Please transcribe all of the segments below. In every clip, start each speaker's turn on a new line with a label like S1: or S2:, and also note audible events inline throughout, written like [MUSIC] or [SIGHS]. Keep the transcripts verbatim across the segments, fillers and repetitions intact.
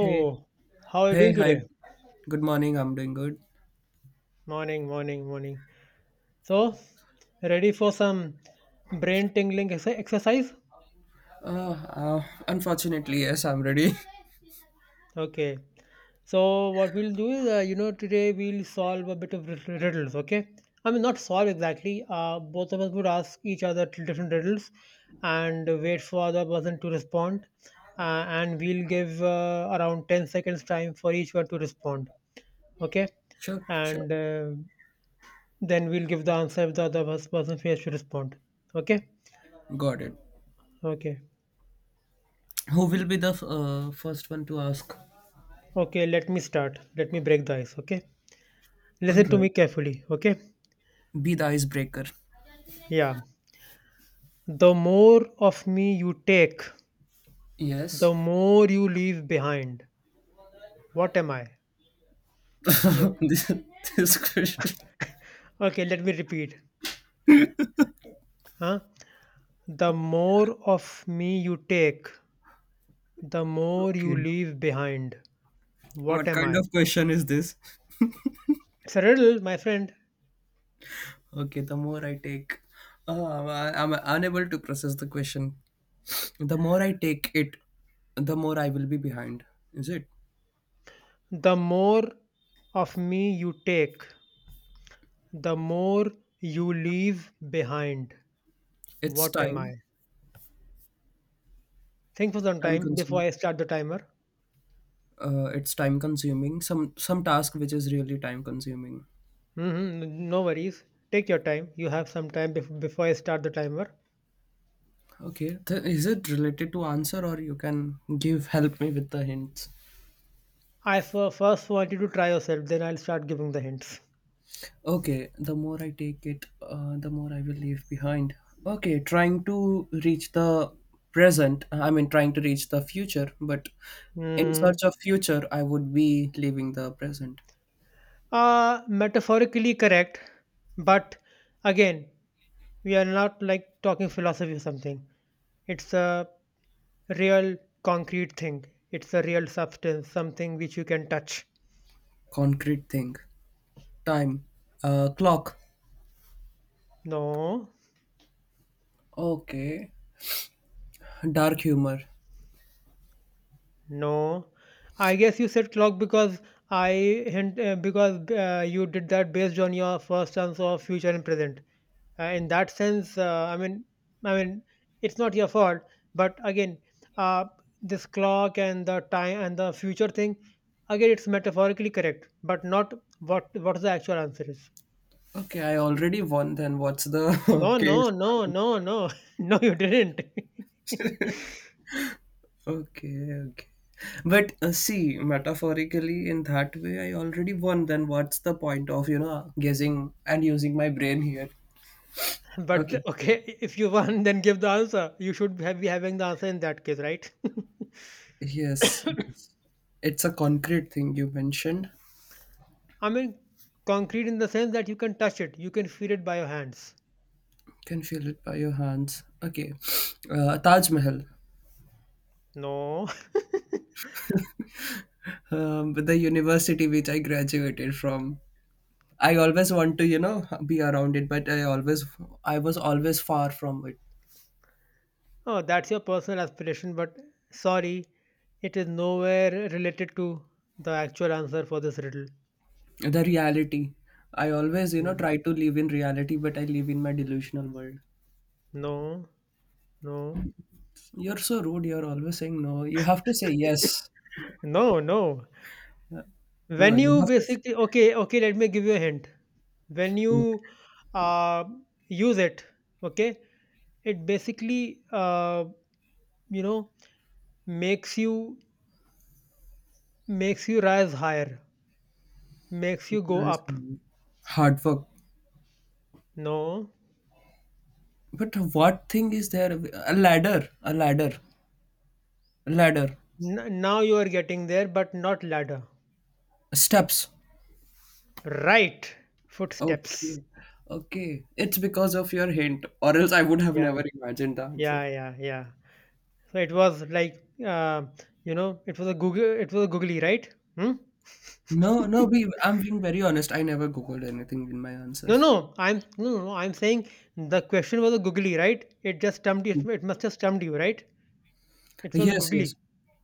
S1: Hey,
S2: how are you
S1: hey,
S2: doing
S1: hi.
S2: today?
S1: Good morning. I'm doing good.
S2: Morning, morning, morning. So, ready for some brain tingling ex- exercise?
S1: Uh, uh Unfortunately, yes, I'm ready.
S2: Okay. So, what we'll do is, uh, you know, today we'll solve a bit of rid- riddles, okay? I mean, not solve exactly. Uh, both of us would ask each other t- different riddles and wait for the other person to respond. Uh, and we'll give uh, around ten seconds time for each one to respond, okay?
S1: [LAUGHS] Sure, sure.
S2: and uh, Then we'll give the answer if the other pers- person fails to respond. Okay?
S1: Got it.
S2: Okay.
S1: Who will be the f- uh, first one to ask?
S2: Okay, let me start. Let me break the ice. Okay?
S1: All
S2: Listen to me
S1: right.
S2: carefully. Okay?
S1: Be the icebreaker.
S2: Yeah. The more of me you take,
S1: Yes.
S2: the more you leave behind. What am I? Yeah.
S1: [LAUGHS] this, this question.
S2: Okay, let me repeat. Huh? The more of me you take, the more you
S1: Okay.
S2: leave behind. What
S1: What
S2: am
S1: kind
S2: I?
S1: of question is this?
S2: It's a riddle, my friend.
S1: Okay, the more I take, uh, I- I'm unable to process the question. The more I take it, the more I will be behind. Is it?
S2: The more of me you take, the more you leave behind.
S1: It's
S2: What am
S1: time.
S2: I? Think for some
S1: Time
S2: time before
S1: consumed.
S2: I start the timer.
S1: uh, it's time consuming some some task which is really time consuming.
S2: Hmm, no worries. Take your time. You have some time bef- before I start the timer.
S1: Okay, Th- is it related to answer, or you can give, help me with the hints?
S2: I fir- first want you to try yourself, then I'll start giving the hints.
S1: Okay, the more I take it, uh, the more I will leave behind. Okay, trying to reach the present, I mean, trying to reach the future, but in
S2: Mm.
S1: search of future I would be leaving the present.
S2: Uh, metaphorically correct, but again, we are not like talking philosophy or something. It's a real concrete thing. It's a real substance, something which you can touch.
S1: Concrete thing. Time. Uh, clock.
S2: No.
S1: Okay. Dark humor.
S2: No, I guess you said clock because I hint uh, because uh, you did that based on your first answer of future and present. Uh, in that sense, uh, I mean, I mean, it's not your fault. But again, uh, this clock and the time and the future thing, again, it's metaphorically correct, but not what what the actual answer is.
S1: Okay, I already won then. What's the
S2: No,
S1: [LAUGHS] case?
S2: no, no, no, no, [LAUGHS] no, you didn't.
S1: Okay, okay. But uh, see, metaphorically, in that way, I already won. Then what's the point of, you know, guessing and using my brain here?
S2: [LAUGHS]
S1: Okay.
S2: But okay, if you won, then give the answer. You should have, be having the answer in that case, right? [LAUGHS]
S1: Yes, yes. It's a concrete thing you mentioned.
S2: I mean, concrete in the sense that you can touch it, you can feel it by your hands.
S1: Can feel it by your hands. Okay. Uh, Taj Mahal.
S2: No.
S1: Um, the university which I graduated from. I always want to, you know, be around it, but I always, I was always far from it.
S2: [LAUGHS] Oh, that's your personal aspiration, but sorry, it is nowhere related to the actual answer for this riddle.
S1: The reality. I always, you know,
S2: Mm.
S1: try to live in reality, but I live in my delusional world.
S2: No, no,
S1: You're so rude. You're always saying no. You have to say yes.
S2: [LAUGHS] no, no.
S1: No,
S2: When
S1: you
S2: you
S1: have to. Say,
S2: basically, okay, okay, let me give you a hint. When
S1: okay.
S2: you uh, use it, okay, it basically, uh, you know, makes you makes you rise higher, makes you go
S1: Nice.
S2: up.
S1: Hard work.
S2: No.
S1: But what thing is there? A ladder. A ladder. A ladder.
S2: N- now you are getting there, but not ladder.
S1: Steps.
S2: Right. Footsteps.
S1: Okay. Okay. It's because of your hint, or else I would have
S2: Yeah.
S1: never imagined the answer.
S2: Yeah. Yeah. Yeah. So it was like, uh, you know, it was a Google. It was a googly, right? Hmm?
S1: No, no,
S2: [LAUGHS]
S1: Be. I'm being very honest. I never Googled anything in my
S2: No,
S1: answers.
S2: no. I'm no, no. no, I'm saying the question was a googly, right? It just stumped you. It must have stumped you, right? It was a
S1: Yes, yes.
S2: googly.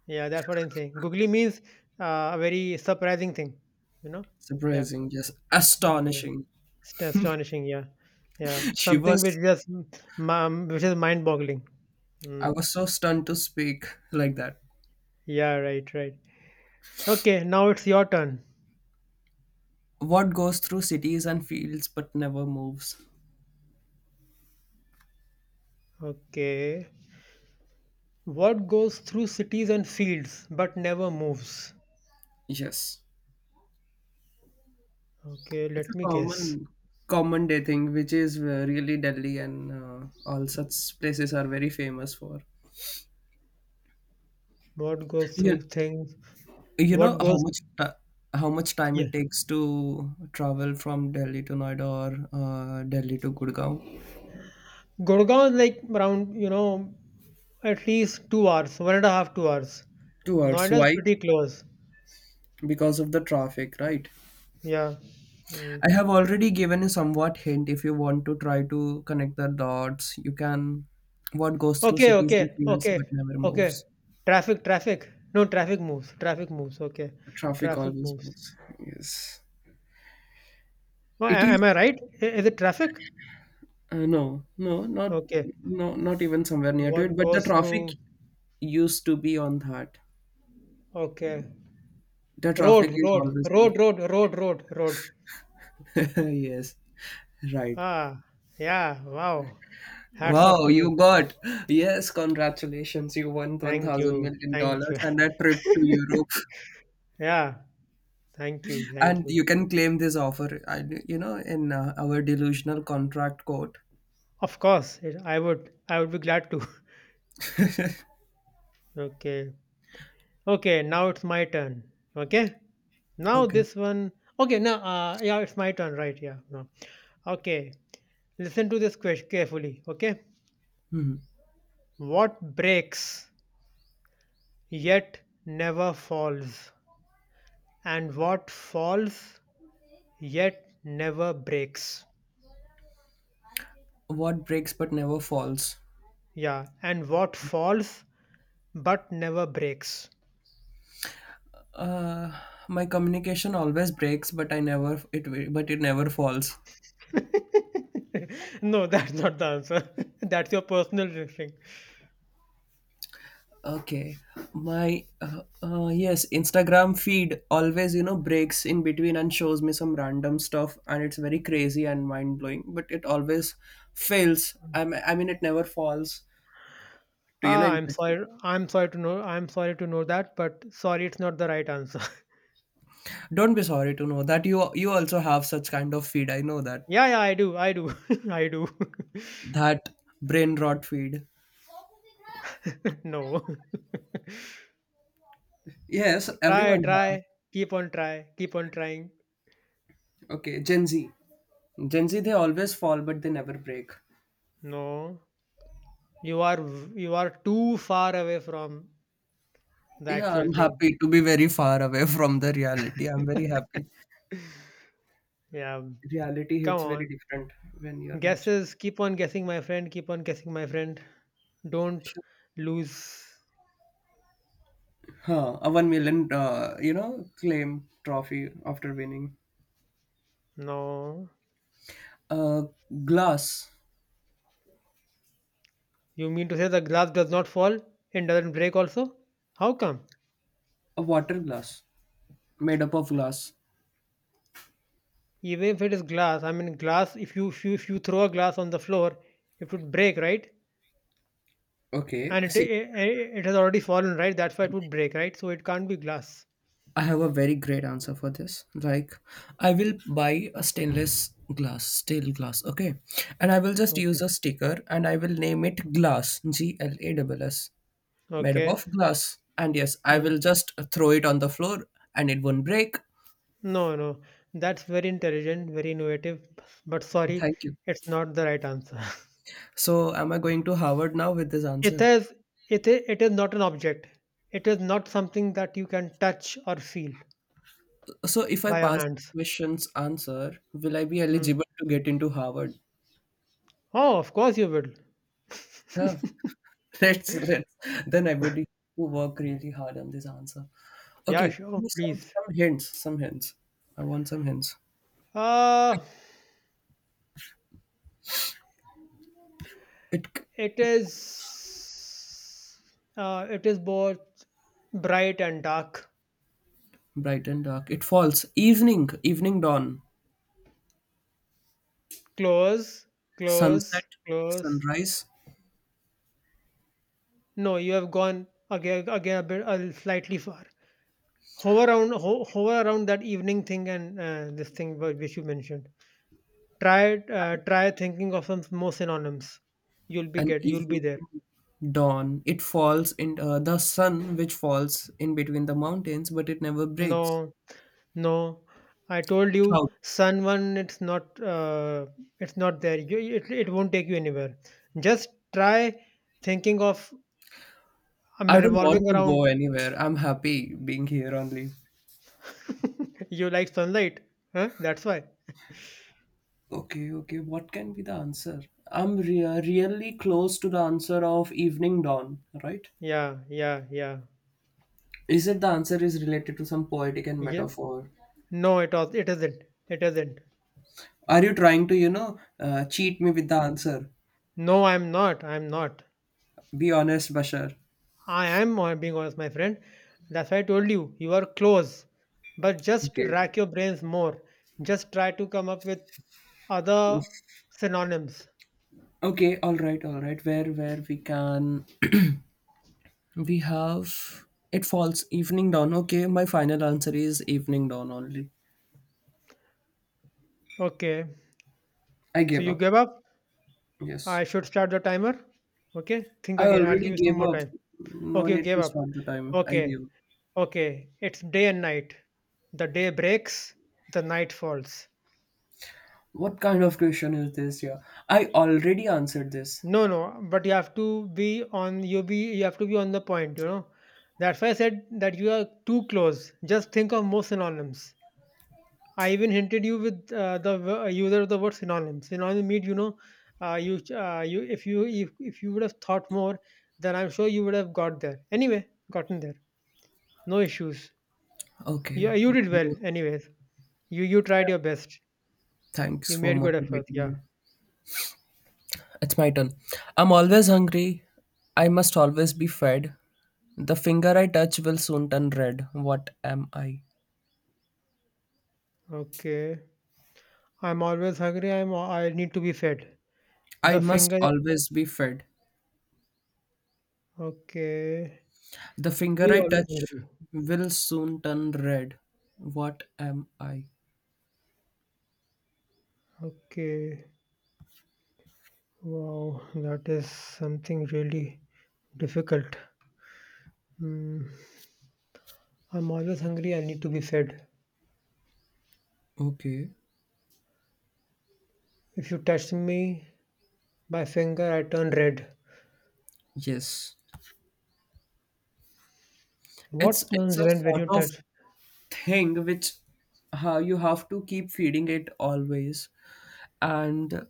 S2: Yeah, that's what I'm saying. Googly means uh, a very surprising thing. You know. Yeah.
S1: Surprising, just
S2: Mm, yeah.
S1: astonishing.
S2: It's astonishing, yeah, yeah.
S1: She
S2: Something which
S1: was,
S2: just um, which is mind-boggling.
S1: I
S2: Mm.
S1: was so stunned to speak like that.
S2: Yeah, right, right. Okay, now it's your turn.
S1: What goes through cities and fields but never moves?
S2: Okay, what goes through cities and fields but never moves?
S1: Yes.
S2: Okay,
S1: It's a
S2: let me guess.
S1: common, common day thing, which is uh, really Delhi and uh, all such places are very famous for.
S2: What goes
S1: You,
S2: through things?
S1: you know
S2: What
S1: how
S2: goes?
S1: much ti how much time
S2: Yeah,
S1: it takes to travel from Delhi to Noida, or uh, Delhi to Gurgaon?
S2: Gurgaon is like around you know at least two hours, one and a half, two hours.
S1: Two hours.
S2: Noida is
S1: Why?
S2: pretty close.
S1: Because of the traffic, right?
S2: Yeah. Mm.
S1: I have already given you somewhat hint. If you want to try to connect the dots, you can. What goes through
S2: Okay,
S1: cities and
S2: okay,
S1: fields but
S2: okay,
S1: never
S2: okay.
S1: moves?
S2: Traffic, traffic. No, traffic moves. Traffic moves. Okay.
S1: Traffic
S2: Traffic
S1: always
S2: moves.
S1: moves. Yes,
S2: Oh,
S1: it
S2: a-
S1: is.
S2: am I right? I- Is it traffic?
S1: Uh, no, no, not
S2: Okay.
S1: no, not even somewhere near to it.
S2: What
S1: But the
S2: goes
S1: traffic
S2: through?
S1: used to be on that.
S2: Okay.
S1: The
S2: Road,
S1: traffic is
S2: road,
S1: always on.
S2: road, road, road, road, road.
S1: That. [LAUGHS] Yes, right.
S2: Ah, yeah. Wow. Hats off
S1: Wow,
S2: to
S1: you
S2: me.
S1: got, yes. Congratulations, you won one
S2: Thank
S1: thousand
S2: you.
S1: million
S2: Thank
S1: dollars
S2: you. [LAUGHS]
S1: and a trip to Europe.
S2: Yeah. Thank you. Thank
S1: And you
S2: you.
S1: can claim this offer I, you know in uh, our delusional contract court.
S2: Of course, it- I would. I would be glad to. [LAUGHS] Okay. Okay. Now it's my turn. Okay. Now
S1: Okay.
S2: this one. Okay, now uh, yeah, it's my turn, right? Yeah, no. Okay, listen to this question carefully. Okay,
S1: Hmm.
S2: what breaks yet never falls, and what falls yet never breaks?
S1: What breaks but never falls?
S2: Yeah, and what falls but never breaks?
S1: uh my communication always breaks, but I never it wi- but it never falls.
S2: [LAUGHS] No, that's not the answer. [LAUGHS] That's your personal thing.
S1: Okay, my uh, uh, yes, Instagram feed always you know breaks in between and shows me some random stuff, and it's very crazy and mind blowing, but it always fails. I i mean, it never falls to you know
S2: Ah, I'm
S1: impress me.
S2: sorry. I'm sorry to know. I'm sorry to know that, but sorry, it's not the right answer.
S1: Don't be sorry to know that you you also have such kind of feed. I know that
S2: Yeah, yeah, I do. I do. [LAUGHS] I do. [LAUGHS]
S1: that brain rot feed.
S2: No.
S1: Yes,
S2: [LAUGHS] Try,
S1: everyone have.
S2: try. Keep on try. Keep on trying.
S1: Okay, Gen Z. Gen Z they always fall but they never break.
S2: No. You are v- you are too far away from the
S1: Yeah,
S2: actual
S1: I'm
S2: thing.
S1: happy to be very far away [LAUGHS] from the reality. I'm very happy.
S2: Yeah.
S1: Reality
S2: Come
S1: hits very
S2: on.
S1: different when you're mature.
S2: Guesses. Keep on guessing, my friend. Keep on guessing, my friend. Don't
S1: Sure.
S2: lose.
S1: Huh, a one million, uh, you know, claim trophy after winning.
S2: No.
S1: A glass,
S2: You mean to say the glass does not fall and doesn't break also? How come?
S1: a water glass made up of glass.
S2: Even if it is glass, I mean glass if you if you, if you throw a glass on the floor, it would break, right?
S1: Okay.
S2: And it
S1: See,
S2: i- it has already fallen, right? That's why it would break, right? So it can't be glass.
S1: I have a very great answer for this. Like, I will buy a stainless glass, steel glass, okay? And I will just use
S2: Okay.
S1: a sticker and I will name it glass, G L A S S, made up
S2: Okay.
S1: of glass. And yes, I
S2: Mm.
S1: will just throw it on the floor and it won't break.
S2: No, no. That's very intelligent, very innovative, but sorry,
S1: Thank you.
S2: it's not the right answer. [LAUGHS]
S1: So, am I going to Harvard now with this answer?
S2: It is it is it is not an object. It is not something that you can touch or feel
S1: So, if I
S2: by your
S1: pass this
S2: hands.
S1: question's answer, will I be eligible
S2: Mm.
S1: to get into Harvard?
S2: Oh, of course you will.
S1: Huh? [LAUGHS] Let's let's then I would need to work really hard on this answer. Okay,
S2: Yeah, sure, oh,
S1: give me some
S2: please.
S1: some hints, some hints. I want some hints.
S2: Uh
S1: It c-
S2: it is uh it is both bright and dark.
S1: Bright and dark. It falls evening, evening dawn,
S2: Close,
S1: sunset,
S2: close, close.
S1: sunrise,
S2: No, you have gone again, again a bit uh, slightly far. Hover around, ho- hover around that evening thing and uh, this thing wh- which you mentioned. Try, uh, try thinking of some more synonyms. You'll be
S1: and
S2: get, you'll be
S1: evening
S2: there.
S1: dawn. It falls in uh, the sun, which falls in between the mountains, but it never breaks.
S2: No, no. I told
S1: Cloud.
S2: you, sun one. It's not, uh, it's not there. You, it, it won't take you anywhere. Just try thinking of. I'm
S1: I don't want
S2: revolving
S1: to
S2: around.
S1: go anywhere. I'm happy being here only.
S2: You like sunlight, huh? That's why.
S1: Okay, okay. What can be the answer? I'm re- really close to the answer of evening dawn, right?
S2: Yeah, yeah, yeah.
S1: Is it the answer is related to some poetic and
S2: Yeah.
S1: metaphor?
S2: No, it was it isn't. It isn't.
S1: Are you trying to, you know, uh, cheat me with the answer?
S2: No, I'm not. I'm not.
S1: Be honest, Bashar.
S2: I am hon- being honest, my friend. That's why I told you, you are close. But just
S1: Okay.
S2: rack your brains more. Just try to come up with other
S1: Oof.
S2: synonyms.
S1: Okay, all right, all right. Where, where we can, we have, it falls evening dawn. Okay, my final answer is evening dawn only.
S2: Okay.
S1: I
S2: So
S1: gave
S2: you
S1: up.
S2: gave up.
S1: Yes.
S2: I should start the timer. Okay. Think
S1: I
S2: again. I'll
S1: already
S2: give you some
S1: gave
S2: more
S1: up.
S2: time.
S1: No
S2: Okay, you
S1: need
S2: gave
S1: to
S2: up.
S1: start the timer. I
S2: Okay.
S1: gave up.
S2: Okay. It's day and night. The day breaks, the night falls.
S1: What kind of question is this? Yeah, I already answered this.
S2: No, no, but you have to be on you be you have to be on the point, you know. That's why I said that you are too close. Just think of more synonyms. I even hinted you with uh, the w- user of the word synonym. Synonym mean you know, uh, you uh, you if you if, if you would have thought more, then I'm sure you would have got there. Anyway, gotten there. No issues. You
S1: Okay.
S2: you did well.
S1: Okay.
S2: Anyways, you you tried your best.
S1: Thanks
S2: You
S1: for
S2: made good effort.
S1: motivating
S2: Yeah.
S1: me. It's my turn. I'm always hungry. I must always be fed. The finger I touch will soon turn red. What am I?
S2: Okay. I'm always hungry. I'm I need to be fed.
S1: I
S2: The
S1: must
S2: finger.
S1: always be fed.
S2: Okay.
S1: The
S2: Who
S1: finger
S2: is
S1: I
S2: always
S1: touch
S2: hungry?
S1: will soon turn red. What am I?
S2: Okay. Wow, that is something really difficult. Mm, I'm always hungry, I need to be fed.
S1: Okay.
S2: If you touch me, my finger, I turn red.
S1: Yes. It's
S2: What
S1: it's
S2: turns
S1: a
S2: red when
S1: sort
S2: you
S1: of
S2: touch?
S1: thing which, how you have to keep feeding it always, and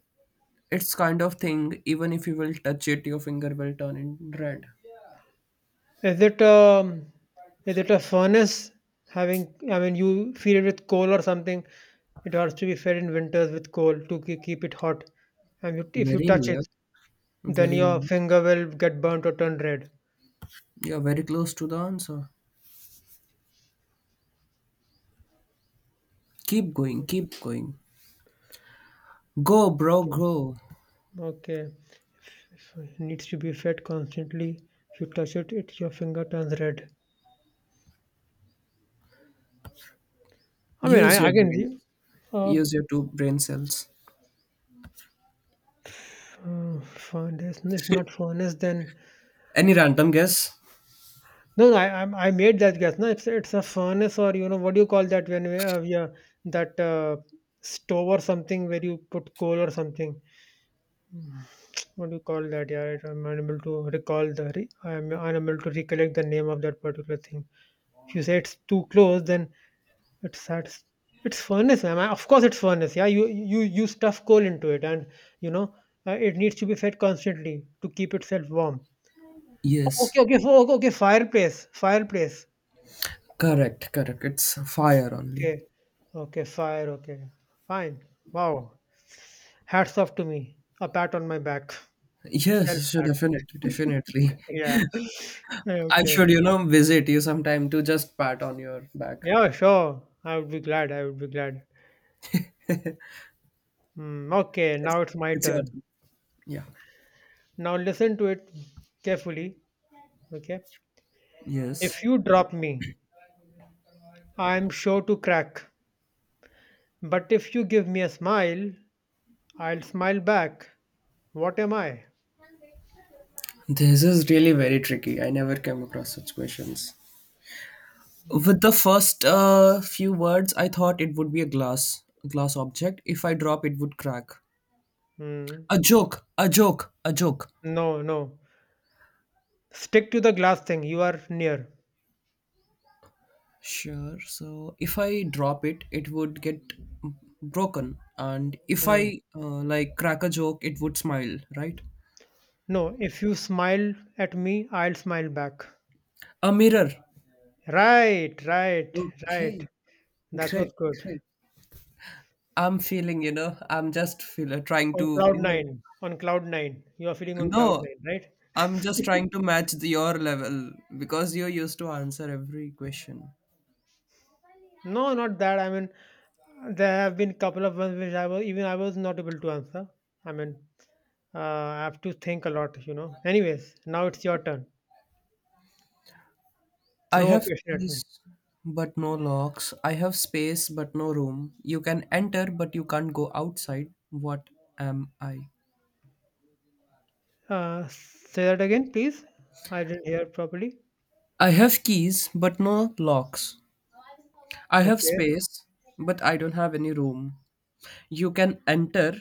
S1: it's kind of thing, even if you will touch it, your finger will turn in red.
S2: Is it um, is it a furnace having, I mean, you feed it with coal or something? It has to be fed in winters with coal to ke- keep it hot. And you, if you
S1: Very
S2: touch it,
S1: near,
S2: then
S1: very
S2: your
S1: near.
S2: finger will get burnt or turn red.
S1: You're very close to the answer. Keep going, keep going. Go, bro,
S2: Okay.
S1: go.
S2: Okay, so it needs to be fed constantly. If you touch it, it your finger turns red. I mean,
S1: Use
S2: I
S1: your
S2: again,
S1: brain.
S2: the- uh,
S1: Use your two brain cells.
S2: uh, furnace. No, it's not furnace. Then
S1: Any random guess?
S2: no, no I I I made that guess. No, it's it's a furnace or you know what do you call that when we have yeah that uh, stove or something where you put coal or something. Mm, what do you call that? Yeah, right, I'm unable to recall the. Re- I'm unable to recollect the name of that particular thing. If you say it's too close, then it's that's it's furnace, ma'am. I? Of course, it's furnace. Yeah, you you you stuff coal into it, and you know uh, it needs to be fed constantly to keep itself warm. Oh,
S1: Yes,
S2: okay, okay, fo- okay, okay. Fireplace, fireplace.
S1: correct, correct, it's fire only.
S2: Okay, okay, fire. Okay, fine. Wow, hats off to me. A pat on my back. Self
S1: Yes, sure,
S2: pat.
S1: definitely, definitely.
S2: Yeah. Yeah,
S1: I
S2: okay.
S1: should, you know visit you sometime to just pat on your back.
S2: Yeah, sure. I would be glad. I would be glad. Mm, okay,
S1: it's,
S2: now it's my
S1: it's your
S2: turn.
S1: turn. Yeah.
S2: Now listen to it carefully. Okay.
S1: Yes.
S2: If you drop me, I'm sure to crack. But if you give me a smile, I'll smile back. What am I?
S1: This is really very tricky. I never came across such questions. With the first uh, few words, I thought it would be a glass, a glass object. If I drop, it would crack.
S2: Hmm.
S1: A joke, a joke, a joke.
S2: No, no. Stick to the glass thing. You are near.
S1: Sure. So, if I drop it, it would get broken, and if
S2: Hmm.
S1: I uh, like crack a joke, it would smile. Right?
S2: No, if you smile at me, I'll smile back.
S1: A mirror.
S2: Right, right, right.
S1: Okay.
S2: That was
S1: Great.
S2: good.
S1: Great. I'm feeling, you know, I'm just feel, uh, trying
S2: On
S1: to,
S2: cloud
S1: you know,
S2: nine. On cloud nine. You are feeling on cloud
S1: no,
S2: nine, right?
S1: I'm just trying to match the, your level because you used to answer every question.
S2: No, not that. I mean, there have been couple of ones which I was even I was not able to answer. I mean, uh, I have to think a lot, you know. Anyways, now it's your turn.
S1: I
S2: Throw a
S1: have
S2: question at me.
S1: keys but no locks. I have space but no room. You can enter but you can't go outside. What am I?
S2: Uh, say that again, please. I didn't hear properly.
S1: I have keys but no locks. I have
S2: Okay.
S1: space but I don't have any room. You can enter,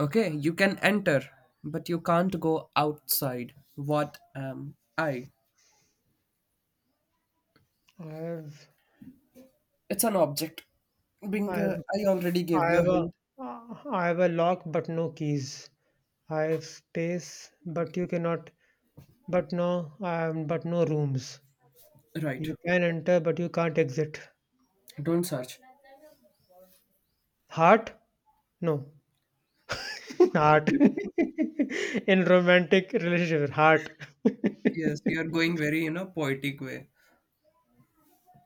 S1: okay? You can enter but you can't go outside. What am I?
S2: I have,
S1: It's an object.
S2: I
S1: Bingo,
S2: have,
S1: I already gave
S2: I
S1: you a
S2: have a,
S1: hint.
S2: I have a lock but no keys. I have space but you cannot, but no, um, but no rooms.
S1: Right.
S2: You can enter but you can't exit.
S1: Don't search.
S2: Heart? No. [LAUGHS] Heart. [LAUGHS] In romantic relationships. Heart.
S1: Yes,
S2: [LAUGHS]
S1: you are going very in a poetic way.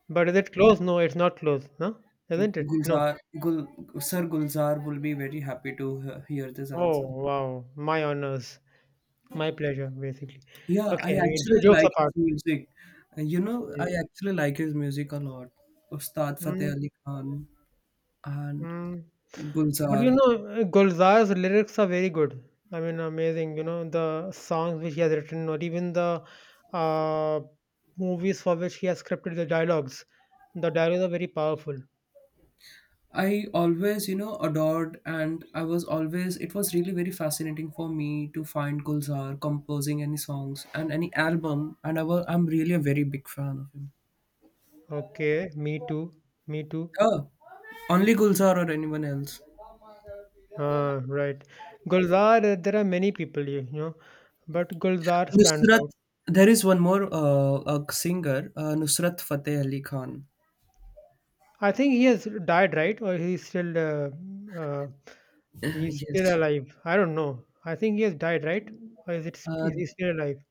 S2: But is it close? No, it's not close, huh? Isn't it? No.
S1: Gulzar, Gul, Sir Gulzar will be very happy to he- hear this
S2: Oh,
S1: answer.
S2: wow. My honors. My pleasure, basically.
S1: Yeah, I
S2: Okay, jo-
S1: actually
S2: jokes
S1: like
S2: apart.
S1: his music. Uh, You know, I
S2: Mm,
S1: actually like his music a lot. Ustad Fateh
S2: mm,
S1: Ali Khan and
S2: mm. But
S1: Gulzar.
S2: you know, uh, Gulzar's lyrics are very good. I mean, amazing. You know, the songs which he has written, or even the uh, movies for which he has scripted the dialogues. The dialogues are very powerful.
S1: I always, you know, adored, and I was always, it was really very fascinating for me to find Gulzar composing any songs and any album. And I was, I'm really a very big fan of him.
S2: Okay, me too. Me too.
S1: Oh, only Gulzar or anyone else?
S2: Ah, right. Gulzar, uh, there are many people, you you know, but Gulzar stands
S1: Nusrat.
S2: out.
S1: There is one more uh, a singer, uh, Nusrat Fateh Ali Khan.
S2: I think he has died, right? Or he's still uh, uh,
S1: Uh,
S2: he's
S1: yes.
S2: still alive. I don't know. I think he has died, right? Or is it
S1: Uh,
S2: is he still alive?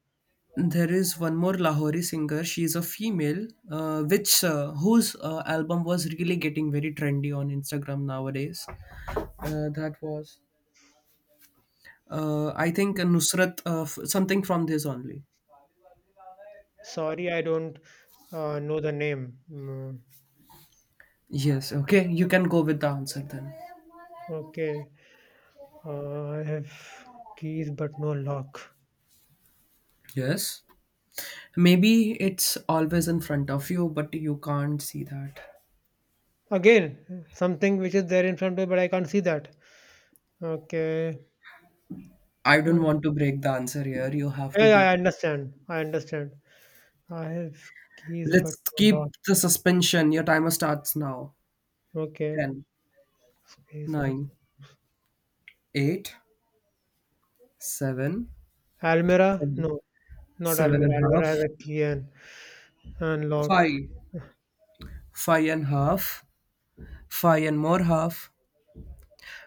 S1: there is one more Lahori singer. She is a female, uh, which uh, whose uh, album was really getting very trendy on Instagram nowadays. Uh, that was, uh, I think, uh, Nusrat, uh, f- something from this only.
S2: Sorry, I don't uh, know the name. Mm,
S1: Yes. Okay, you can go with the answer then.
S2: okay. Uh, I have keys but no lock.
S1: Yes. Maybe it's always in front of you, but you can't see that.
S2: Again, something which is there in front of me, but I can't see that. Okay.
S1: I don't
S2: Uh,
S1: want to break the answer here. You have
S2: Yeah,
S1: to
S2: yeah,
S1: de-
S2: I understand. I understand. I have keys, but
S1: Let's
S2: no
S1: keep
S2: lock.
S1: the suspension. Your timer starts now.
S2: Okay,
S1: ten,
S2: space, but
S1: nine, eight, seven,
S2: Almira? No,
S1: seven,
S2: not
S1: seven and
S2: Almira.
S1: a
S2: Almira
S1: half,
S2: has a key and, and lock.
S1: five, five and half, five and more half,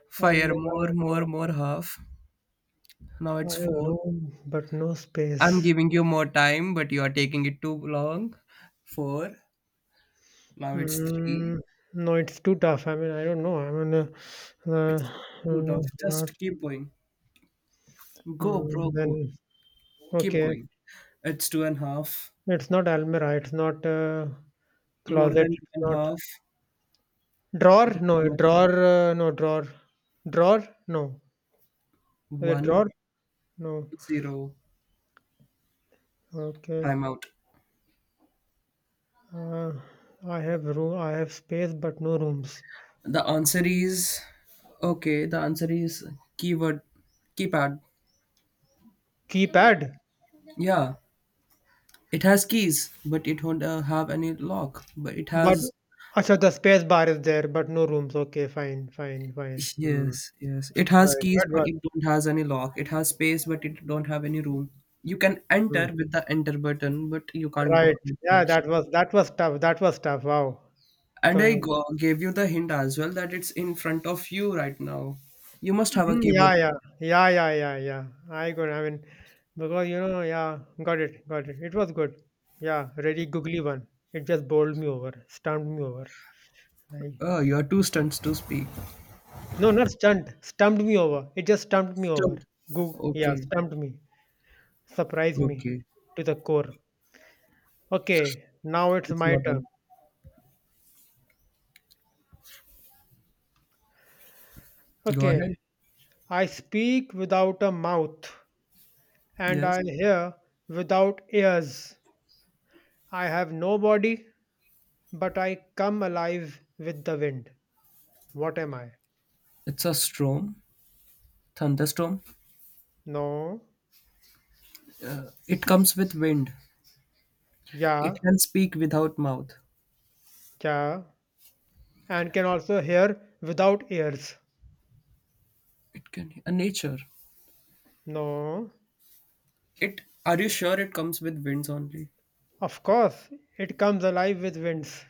S1: five and
S2: Almira,
S1: more, more,
S2: no.
S1: more half. Now
S2: I
S1: it's
S2: have
S1: four.
S2: room, but no
S1: I'm
S2: space.
S1: giving you more time, but you are taking it too long. four. Now it's three.
S2: Mm, no, it's too tough. I mean, I don't know. I mean, uh,
S1: It's
S2: uh,
S1: too
S2: uh,
S1: tough.
S2: what?
S1: Just keep going. Go, bro,
S2: Mm,
S1: go.
S2: then
S1: Keep
S2: okay,
S1: going. It's two and a half.
S2: it's not Almira. It's not uh,
S1: More
S2: closet.
S1: than two
S2: It's
S1: and a
S2: not
S1: half. The
S2: drawer. No,
S1: timer-
S2: drawer. Uh, no, drawer. Drawer. No. A
S1: one,
S2: drawer? No.
S1: zero.
S2: Okay.
S1: Timeout.
S2: Uh, I have room. I have space, but no rooms.
S1: The answer is okay. The answer is keyword, keypad.
S2: Keypad?
S1: Yeah, it has keys, but it won't uh, have any lock. But it
S2: But
S1: has.
S2: अच्छा the space bar is there, but no rooms. Okay, fine, fine, fine. Hmm.
S1: Yes, yes. It has
S2: Right.
S1: keys,
S2: That
S1: but
S2: was,
S1: it don't has any lock. It has space, but it don't have any room. You can
S2: hmm.
S1: enter with the enter button, but you can't go
S2: Right. Yeah,
S1: outside.
S2: that was that was tough. That was tough. Wow.
S1: And I
S2: Con-
S1: go, gave you the hint as well that it's in front of you right now. You must have a
S2: Hmm,
S1: keyboard.
S2: yeah, yeah, yeah, yeah, yeah, yeah. I got. I mean, because you know, yeah, got it, got it. It was good. Yeah, really googly one. It just bowled me over, stumped me over. Like,
S1: Oh, you are too stunned to speak.
S2: no, not stunned. Stumped me over. It just stumped me over.
S1: Stunned.
S2: Go, yeah,
S1: Okay,
S2: stumped me. Surprised me
S1: okay.
S2: to the core. Okay, now it's
S1: It's
S2: my
S1: your turn.
S2: turn.
S1: Go
S2: Okay,
S1: ahead.
S2: I speak without a mouth and
S1: Yes.
S2: I hear without ears. I have no body, but I come alive with the wind. What am I?
S1: It's a storm, thunderstorm.
S2: No,
S1: It comes with wind. It
S2: yeah,
S1: can speak without mouth.
S2: yeah, and can also hear without ears.
S1: It can. A nature.
S2: No,
S1: It Are you sure it comes with winds only?
S2: of course, it comes alive with winds.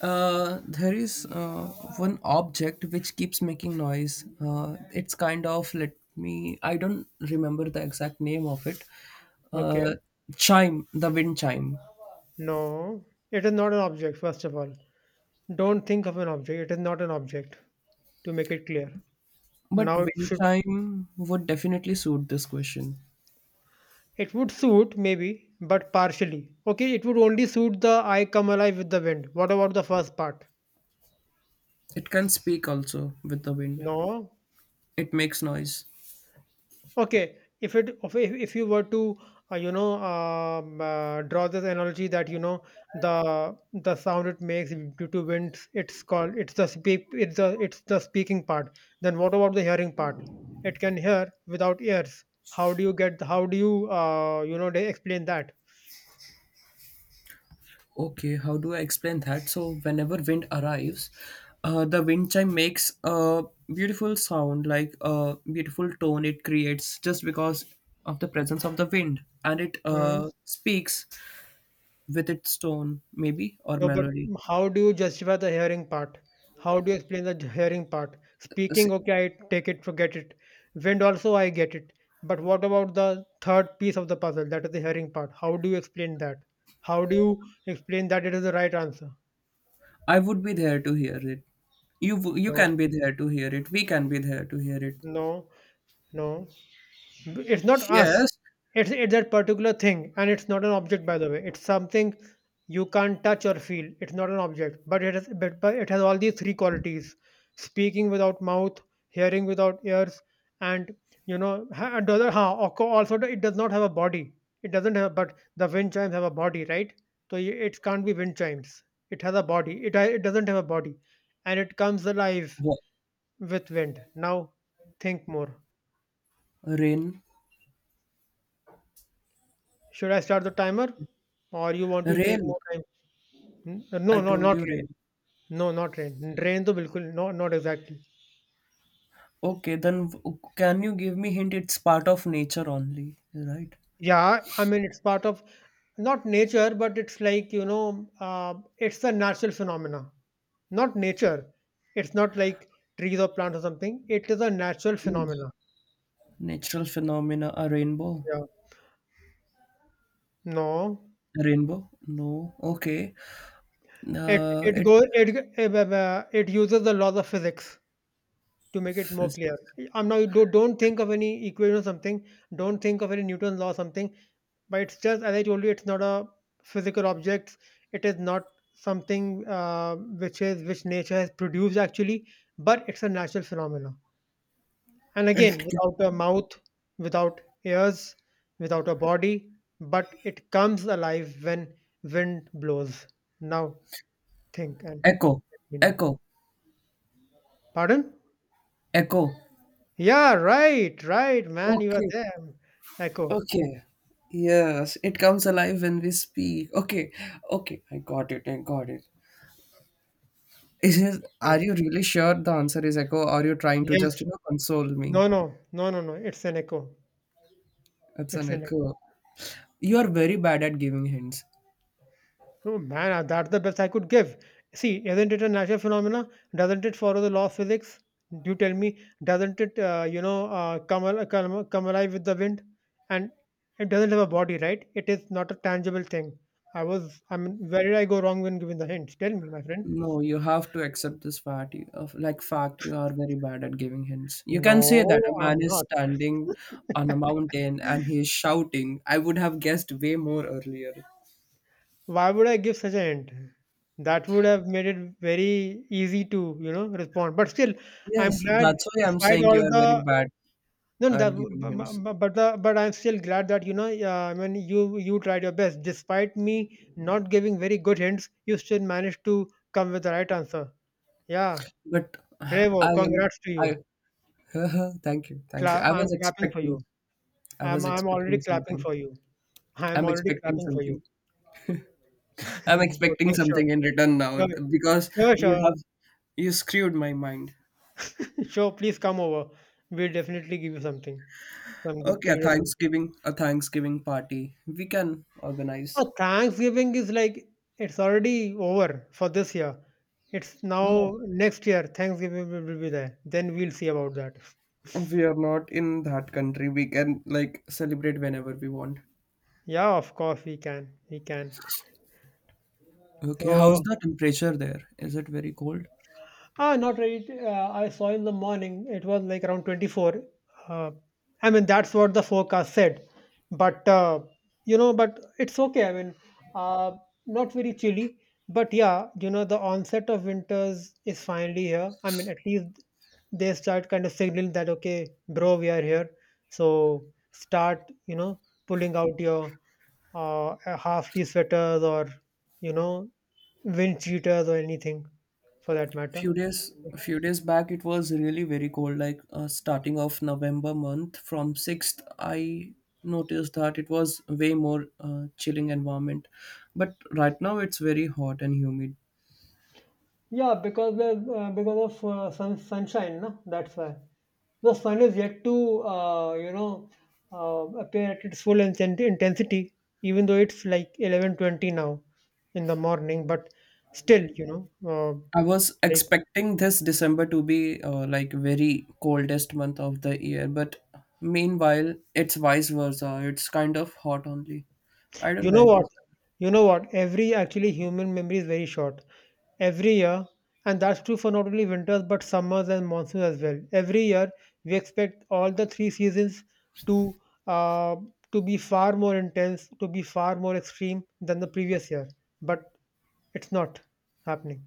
S1: Uh, there is uh, one object which keeps making noise. Uh, it's kind of, let me. I don't remember the exact name of it. Uh,
S2: Okay.
S1: chime, the wind chime.
S2: No, it is not an object, first of all. Don't think of an object. It is not an object, to make it clear.
S1: But
S2: Now it
S1: wind
S2: should
S1: chime would definitely suit this question.
S2: it would suit maybe, but partially. Okay, it would only suit the I come alive with the wind. What about the first part?
S1: It can speak also with the wind.
S2: No.
S1: It makes noise.
S2: Okay, if it if, if you were to uh, you know um, uh, draw this analogy that you know the the sound it makes due to winds, it's called it's the speak it's the it's the speaking part. Then what about the hearing part? It can hear without ears. How do you get how do you uh, you know they explain that?
S1: Okay, how do I explain that? So, whenever wind arrives, uh, the wind chime makes a beautiful sound, like a beautiful tone it creates just because of the presence of the wind, and it
S2: Hmm?
S1: uh, speaks with its tone, maybe, or
S2: No, but
S1: melody.
S2: how do you justify the hearing part? How do you explain the j- hearing part?
S1: S-
S2: Speaking, okay, I take it, forget it. Wind also, I get it. But what about the third piece of the puzzle? That is the hearing part. How do you explain that? How do you explain that it is the right answer?
S1: I would be there to hear it. You, w- you
S2: No,
S1: can be there to hear it. We can be there to hear it.
S2: no, no. B- It's not us.
S1: Yes.
S2: It's it's that particular thing, and it's not an object, by the way. It's something you can't touch or feel. It's not an object, but it has but, but it has all these three qualities: speaking without mouth, hearing without ears, and you know, ha- and the other ha, also also it does not have a body. It doesn't have, but the wind chimes have a body, right? So y- it can't be wind chimes. It has a body. It ha- it doesn't have a body, and it comes alive
S1: Wha-
S2: with wind. Now, think more.
S1: Rain.
S2: Should I start the timer, or you want to take
S1: Rain.
S2: more time? Hmm?
S1: I
S2: No, no,
S1: told
S2: not
S1: you
S2: rain.
S1: rain.
S2: No, not rain. Rain, तो बिल्कुल not not exactly.
S1: Okay, then w- can you give me hint? It's part of nature only, right?
S2: Yeah, I mean it's part of not nature, but it's like you know, uh, it's a natural phenomena. Not nature. It's not like trees or plants or something. It is a natural phenomena.
S1: Natural phenomena, a rainbow,
S2: Yeah. No,
S1: a rainbow. No, okay.
S2: it
S1: Uh,
S2: it
S1: it,
S2: goes it g- uh, uh, it uses the laws of physics to make it more
S1: phys-
S2: clear. I'm now don't don't think of any equation or something. Don't think of any Newton's law or something. But it's just as I told you it's not a physical object, it is not something uh, which is which nature has produced actually, but it's a natural phenomenon, and
S1: it
S2: again
S1: ca-
S2: without a mouth, without ears, without a body, but it comes alive when wind blows. Now think, and
S1: Echo,
S2: you know,
S1: echo,
S2: pardon?
S1: echo.
S2: Yeah, right, right, man, you are
S1: Okay,
S2: there. Echo.
S1: okay. Yes, it comes alive when we speak. Okay, okay. I got it. I got it. Is it-
S2: Yeah.
S1: are you really sure the answer is echo? Or are you trying to
S2: Yes.
S1: just you know console
S2: No,
S1: me?
S2: no, no, no, no, it's an echo.
S1: It's an
S2: It's an
S1: echo.
S2: echo.
S1: You are very bad at giving hints.
S2: Oh man, uh, that's the best I could give. See, isn't it a natural phenomena? Doesn't it follow the law of physics? You tell me, doesn't it, uh, you know, uh, come, al- come, come alive with the wind? And it doesn't have a body, right? It is not a tangible thing. I was, I mean, where did I go wrong when giving the hint? Tell me, my friend.
S1: No, you have to accept this fact you- of like fact, you are very bad at giving hints. You can say that a
S2: No,
S1: man
S2: I'm
S1: is
S2: not.
S1: standing on a
S2: [LAUGHS]
S1: mountain and he is shouting. I would have guessed way more earlier.
S2: Why would I give such a hint? That would have made it very easy to, you know, respond. But still, I'm
S1: Yes,
S2: glad,
S1: that's why I'm
S2: despite
S1: saying
S2: all
S1: you are very
S2: the
S1: bad
S2: no, no,
S1: at
S2: that, bu-
S1: giving
S2: bu-
S1: hints.
S2: bu- but the, but I'm still glad that you know. Uh, I mean, you you tried your best, despite me not giving very good hints. You still managed to come with the right answer. Yeah,
S1: But [SIGHS]
S2: bravo!
S1: I am,
S2: Congrats to you.
S1: I, [LAUGHS] thank you, thank you.
S2: Cla-
S1: I
S2: I'm
S1: was
S2: clapping for
S1: expecting
S2: you.
S1: I was
S2: I'm I'm already
S1: expecting
S2: clapping
S1: something.
S2: for you. I'm
S1: I'm
S2: already
S1: expecting
S2: clapping for you.
S1: something. I'm
S2: [LAUGHS]
S1: expecting
S2: Okay, sure,
S1: something in return now,
S2: sure,
S1: because
S2: sure,
S1: you
S2: sure,
S1: have you screwed my mind.
S2: [LAUGHS] sure. Please come over. We'll definitely give you something, some good
S1: Okay, a
S2: treat or something.
S1: Thanksgiving, a Thanksgiving party. We can organize.
S2: Oh, Thanksgiving is like it's already over for this year. It's
S1: No,
S2: now next year. Thanksgiving will will be there. Then we'll see about that.
S1: we are not in that country. We can like celebrate whenever we want.
S2: Yeah, of course we can. We can.
S1: Okay, how's
S2: So
S1: the temperature there? Is it very cold?
S2: ah, not really. Uh, I saw in the morning it was like around twenty-four. Uh, I mean, that's what the forecast said. But, uh, you know, but it's okay. I mean, uh, not very chilly. But yeah, you know, the onset of winters is finally here. I mean, at least they start kind of signaling that, okay, bro, we are here. So start, you know, pulling out your uh, half leaf sweaters or, you know, wind cheaters or anything for that matter.
S1: Few days a few days back, it was really very cold, like uh, starting of November month from sixth. I noticed that it was way more uh, chilling environment. But right now it's very hot and humid.
S2: Yeah, because the uh, because of uh, sun sunshine, no? That's why. The sun is yet to uh, you know uh, appear at its full inten- intensity, even though it's like eleven twenty now in the morning, but still, you know, uh,
S1: I was
S2: like
S1: expecting this December to be uh, like very coldest month of the year, but meanwhile it's vice versa. It's kind of hot only. I don't
S2: you know
S1: like
S2: what,
S1: this.
S2: you know what, every actually human memory is very short. Every year, and that's true for not only winters but summers and monsoons as well. Every year, we expect all the three seasons to uh, to be far more intense, to be far more extreme than the previous year. But it's not happening.